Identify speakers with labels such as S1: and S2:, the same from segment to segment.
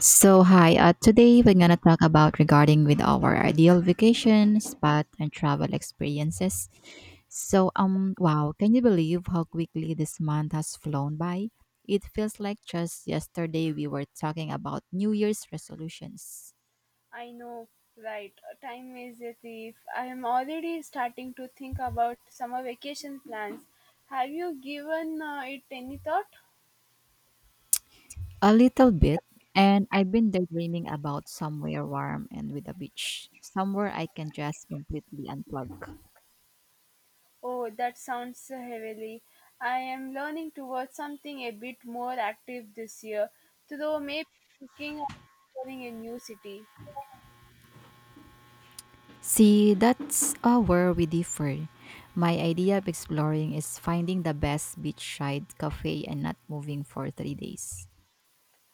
S1: So hi, today we're gonna talk about regarding with our ideal vacation spot and travel experiences. So wow, can you believe how quickly this month has flown by? It feels like just yesterday we were talking about New Year's resolutions.
S2: I know, right? Time is a thief. I am already starting to think about summer vacation plans. Have you given it any thought?
S1: A little bit, and I've been daydreaming about somewhere warm and with a beach, somewhere I can just completely unplug.
S2: Oh, that sounds heavily. I am learning towards something a bit more active this year, though maybe looking at exploring a new city.
S1: See, that's where we differ. My idea of exploring is finding the best beachside cafe and not moving for 3 days.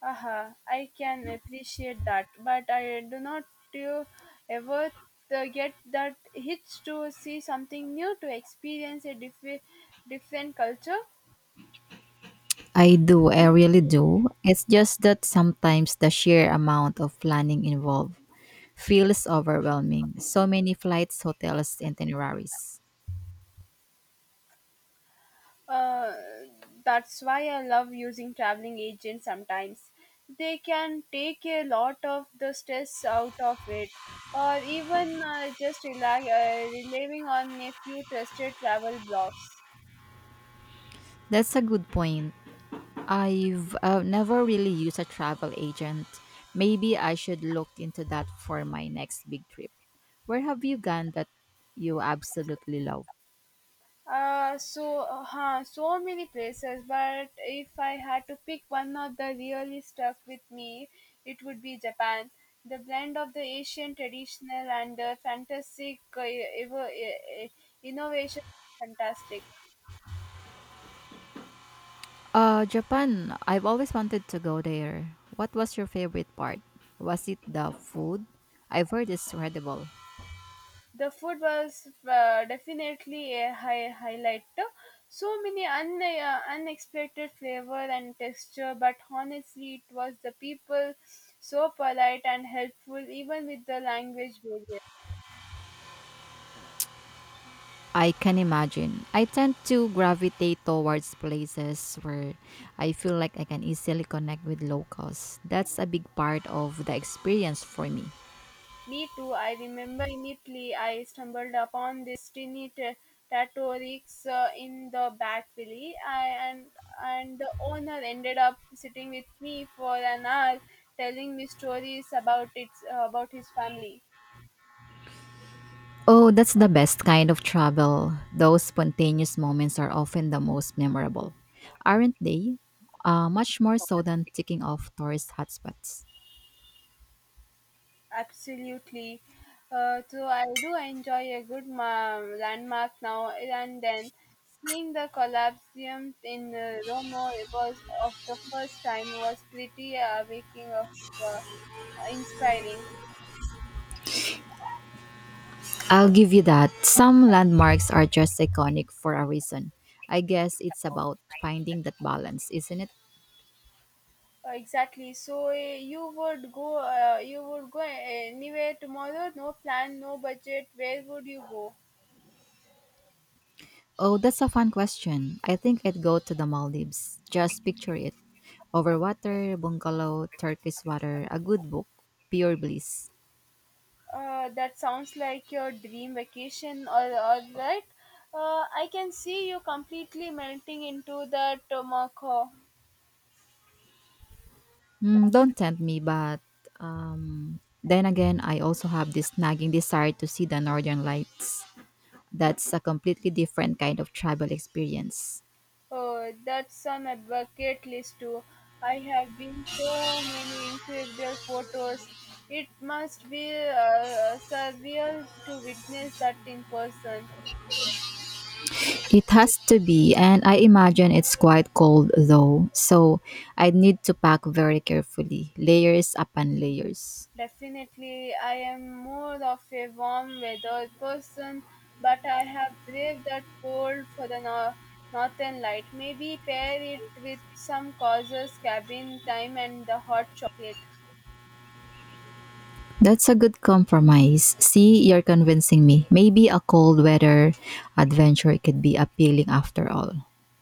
S2: Uh-huh. I can appreciate that, but I do not do ever get that itch to see something new, to experience a different culture.
S1: I do, I really do. It's just that sometimes the sheer amount of planning involved feels overwhelming. So many flights, hotels, itineraries.
S2: Uh, that's why I love using traveling agents sometimes. They can take a lot of the stress out of it, or even just relying on a few trusted travel blogs.
S1: That's a good point. I've never really used a travel agent. Maybe I should look into that for my next big trip. Where have you gone that you absolutely love?
S2: So many places, but if I had to pick one of the really stuck with me, it would be Japan. The blend of the Asian traditional and the fantastic e, evo- eh, eh, innovation was fantastic.
S1: Japan. I've always wanted to go there. What was your favorite part? Was it the food? I've heard it's incredible.
S2: The food was definitely a highlight. So many unexpected flavor and texture, but honestly it was the people, so polite and helpful even with the language barrier.
S1: I can imagine. I tend to gravitate towards places where I feel like I can easily connect with locals. That's a big part of the experience for me.
S2: Me too. I remember immediately I stumbled upon this tiny tortoise in the back valley, I, and the owner ended up sitting with me for an hour, telling me stories about its about his family.
S1: Oh, that's the best kind of travel. Those spontaneous moments are often the most memorable, aren't they? Much more so than ticking off tourist hotspots.
S2: Absolutely. So I do enjoy a good landmark now and then. Seeing the Colosseum in Rome was of the first time was pretty awakening of. Uh, Inspiring.
S1: I'll give you that. Some landmarks are just iconic for a reason. I guess it's about finding that balance, isn't it?
S2: Exactly. So you would go anywhere tomorrow. No plan. No budget. Where would you go?
S1: Oh, that's a fun question. I think I'd go to the Maldives. Just picture it. Over water, bungalow, Turkish water, a good book, pure bliss.
S2: That sounds like your dream vacation. All right. I can see you completely melting into the tomoko.
S1: Mm, don't tempt me, but then again, I also have this nagging desire to see the Northern Lights. That's a completely different kind of travel experience.
S2: Oh, that's on a bucket list too. I have been so many incredible photos. It must be surreal to witness that in person.
S1: It has to be, and I imagine it's quite cold though, so I need to pack very carefully, layers upon layers.
S2: Definitely, I am more of a warm weather person, but I have braved that cold for the northern light. Maybe pair it with some causes, cabin time, and the hot chocolate.
S1: That's a good compromise. See, you're convincing me. Maybe a cold weather adventure could be appealing after all.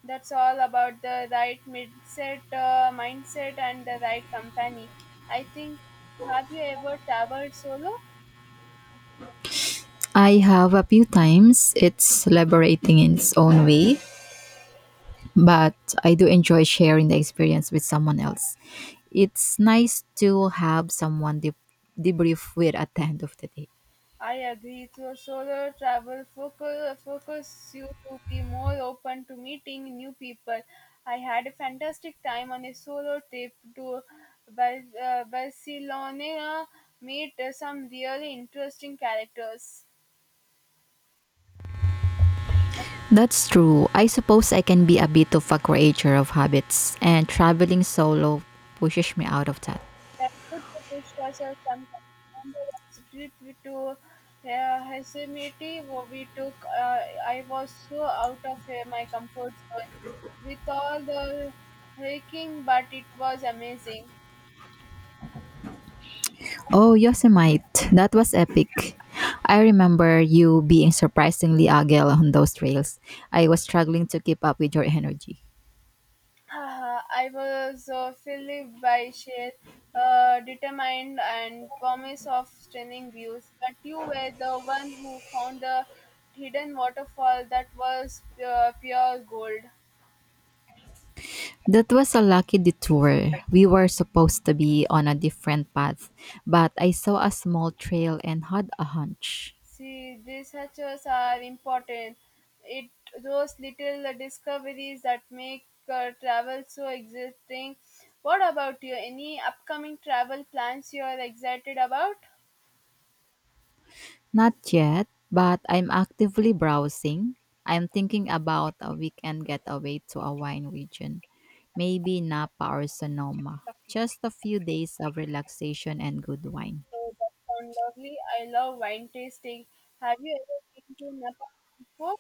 S2: That's all about the right mindset, mindset and the right company. I think. Have you ever traveled solo?
S1: I have a few times. It's liberating in its own way, but I do enjoy sharing the experience with someone else. It's nice to have someone debrief with at the end of the day.
S2: I agree. So solo travel focus you to be more open to meeting new people. I had a fantastic time on a solo trip to Barcelona. Meet some really interesting characters.
S1: That's true. I suppose I can be a bit of a creature of habits, and traveling solo pushes me out of that.
S2: That could push yourself sometimes. And the trip to Yosemite, where we took, I was so out of my comfort zone with all the hiking, but it was amazing.
S1: Oh, Yosemite, that was epic. I remember you being surprisingly agile on those trails. I was struggling to keep up with your energy.
S2: I was filled by sheer determined and promise of stunning views, but you were the one who found the hidden waterfall that was pure gold.
S1: That was a lucky detour. We were supposed to be on a different path, but I saw a small trail and had a hunch.
S2: See, researchers are important. It those little discoveries that make travel so exciting. What about you? Any upcoming travel plans you are excited about?
S1: Not yet, but I'm actively browsing. I'm thinking about a weekend getaway to a wine region, maybe Napa or Sonoma. Just a few days of relaxation and good wine.
S2: Oh, that sounds lovely. I love wine tasting. Have you ever been to Nepal before?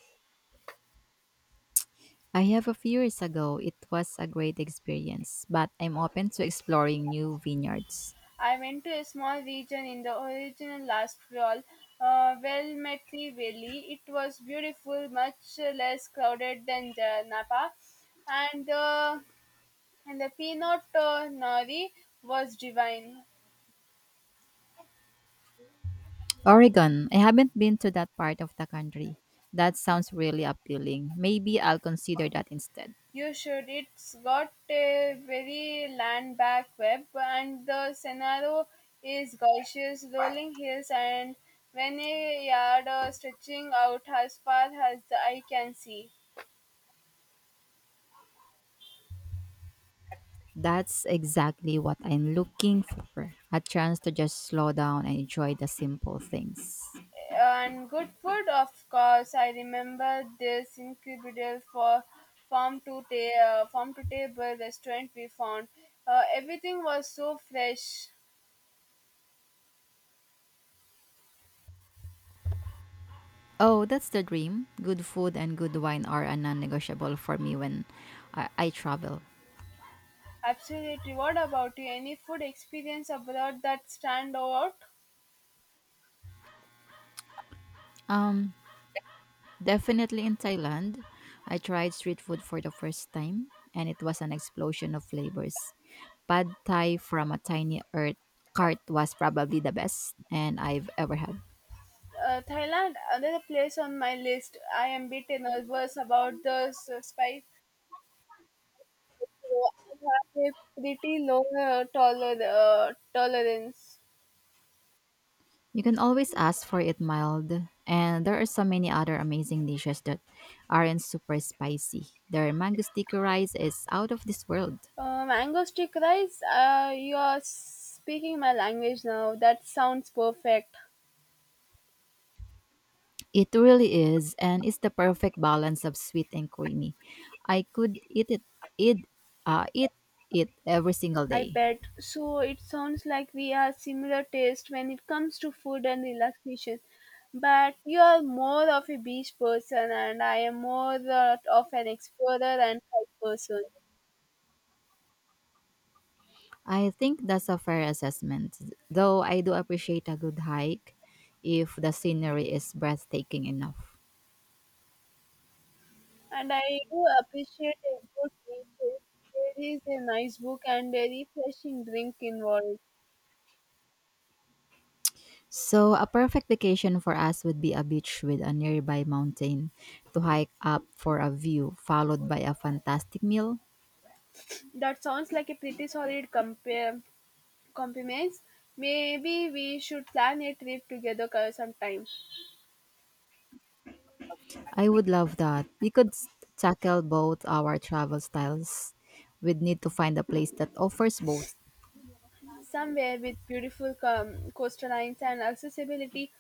S1: I have a few years ago, it was a great experience, but I'm open to exploring new vineyards.
S2: I went to a small region in the original last fall, well met valley. It was beautiful, much less crowded than the Napa, and uh, and the peanut nori was divine.
S1: Oregon. I haven't been to that part of the country. That sounds really appealing. Maybe I'll consider that instead.
S2: You should. It's got a very land back web, and the scenario is gorgeous rolling hills and many yard stretching out as far as the eye can see.
S1: That's exactly what I'm looking for. A chance to just slow down and enjoy the simple things.
S2: And good food, of course. I remember this incredible for farm to ta- farm to table restaurant we found. Everything was so fresh.
S1: Oh, that's the dream. Good food and good wine are a non-negotiable for me when I travel.
S2: Absolutely. What about you? Any food experience abroad that stand out?
S1: Um, Definitely in Thailand, I tried street food for the first time and it was an explosion of flavors. Pad Thai from a tiny earth cart was probably the best and I've ever had.
S2: Thailand, another place on my list. I am bit nervous about the spice, so I have a pretty low tolerance.
S1: You can always ask for it mild, and there are so many other amazing dishes that aren't super spicy. Their mango sticky rice is out of this world.
S2: Mango stick rice, you are speaking my language now. That sounds perfect.
S1: It really is, and it's the perfect balance of sweet and creamy. I could eat, eat it every single
S2: I
S1: day.
S2: bet. So it sounds like we are similar taste when it comes to food and relaxation. But you are more of a beach person, and I am more of an explorer and hike person.
S1: I think that's a fair assessment, though I do appreciate a good hike if the scenery is breathtaking enough.
S2: And I do appreciate a good refill. There is a nice book and a refreshing drink involved.
S1: So, a perfect vacation for us would be a beach with a nearby mountain to hike up for a view, followed by a fantastic meal.
S2: That sounds like a pretty solid compare compliments. Maybe we should plan a trip together sometime,
S1: I would love that. We could tackle both our travel styles. We'd need to find a place that offers both.
S2: somewhere with beautiful coastlines and accessibility,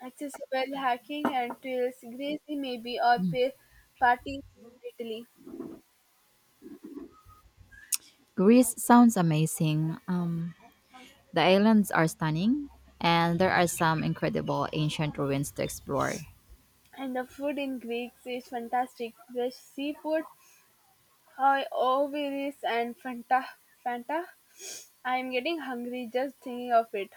S2: accessible hiking and trails. Greece maybe or party in Italy.
S1: Greece sounds amazing. The islands are stunning, and there are some incredible ancient ruins to explore.
S2: And the food in Greece is fantastic. Fresh seafood, hi, Oviris and Fanta. Fanta, I'm getting hungry just thinking of it.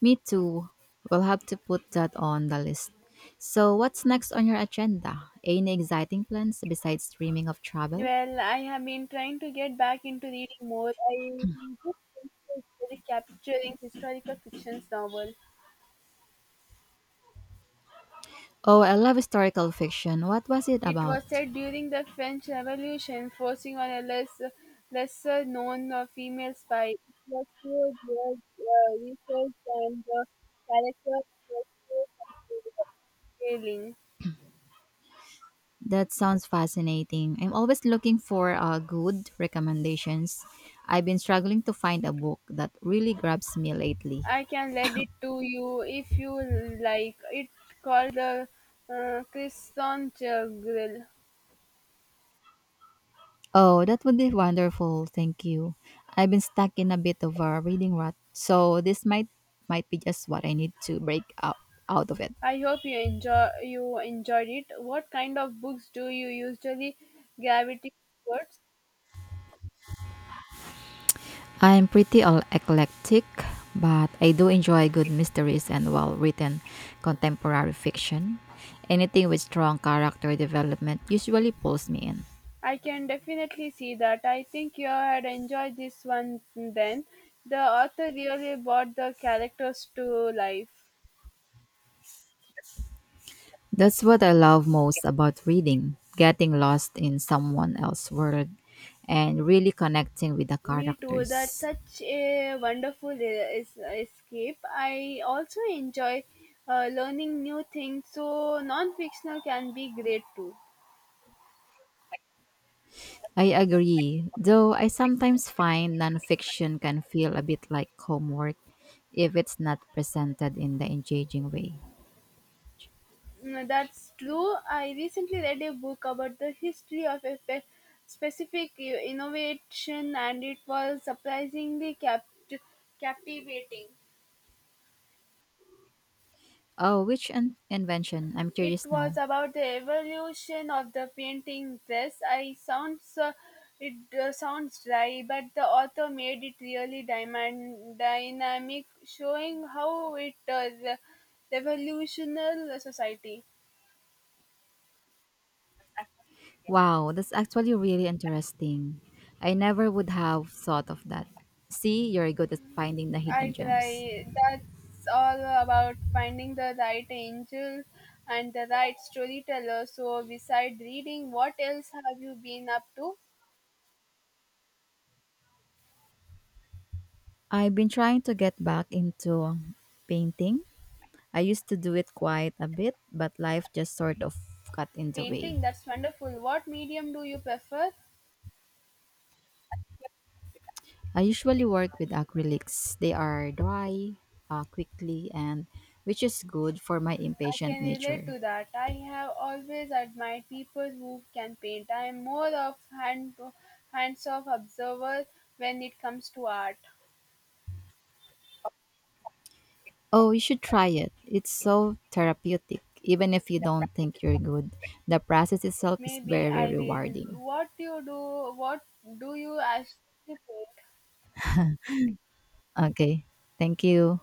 S1: Me too. We'll have to put that on the list. So, what's next on your agenda? Any exciting plans besides dreaming of travel?
S2: Well, I have been trying to get back into reading more. I just finished capturing historical fictions novel.
S1: Oh, I love historical fiction. What was it
S2: It was
S1: about?
S2: set during the French Revolution, forcing on a lesser known female spy. It was pure blood, research and the characters' was so compelling.
S1: That sounds fascinating. I'm always looking for good recommendations. I've been struggling to find a book that really grabs me lately.
S2: I can lend it to you if you like. It called the Crescent Grill.
S1: Oh, that would be wonderful. Thank you. I've been stuck in a bit of a reading rut, so this might be just what I need to break up out of it.
S2: I hope you enjoyed it. What kind of books do you usually gravitate towards?
S1: I'm pretty all eclectic, but I do enjoy good mysteries and well-written contemporary fiction. Anything with strong character development usually pulls me in.
S2: I can definitely see that. I think you had enjoyed this one then. The author really brought the characters to life.
S1: That's what I love most about reading, getting lost in someone else's world and really connecting with the
S2: Me too. That's
S1: characters.
S2: such a wonderful escape. I also enjoy learning new things, so non fictional can be great too.
S1: I agree, though I sometimes find nonfiction can feel a bit like homework if it's not presented in the engaging way.
S2: Mm, that's true. I recently read a book about the history of a specific innovation, and it was surprisingly captivating.
S1: Oh, which invention? I'm
S2: It
S1: curious
S2: was
S1: now.
S2: about the evolution of the painting dress. I sounds it sounds dry, but the author made it really dynamic, showing how it revolutionary society.
S1: Wow, that's actually really interesting. I never would have thought of that. See, you're good at finding the hidden
S2: I
S1: gems.
S2: try. That's all about finding the right angel and the right storyteller. So, beside reading, what else have you been up to?
S1: I've been trying to get back into painting. I used to do it quite a bit, but life just sort of got in the way.
S2: Painting. That's wonderful. What medium do you prefer?
S1: I usually work with acrylics. They are dry quickly and which is good for my
S2: I
S1: impatient
S2: can relate
S1: nature.
S2: to that. I have always admired people who can paint. I am more of hand hands-off observer when it comes to art.
S1: Oh, you should try it. It's so therapeutic. Even if you don't think you're good, the process itself is
S2: Maybe
S1: very
S2: I will.
S1: rewarding.
S2: What do you do? What do you actually paint?
S1: Okay. Thank you.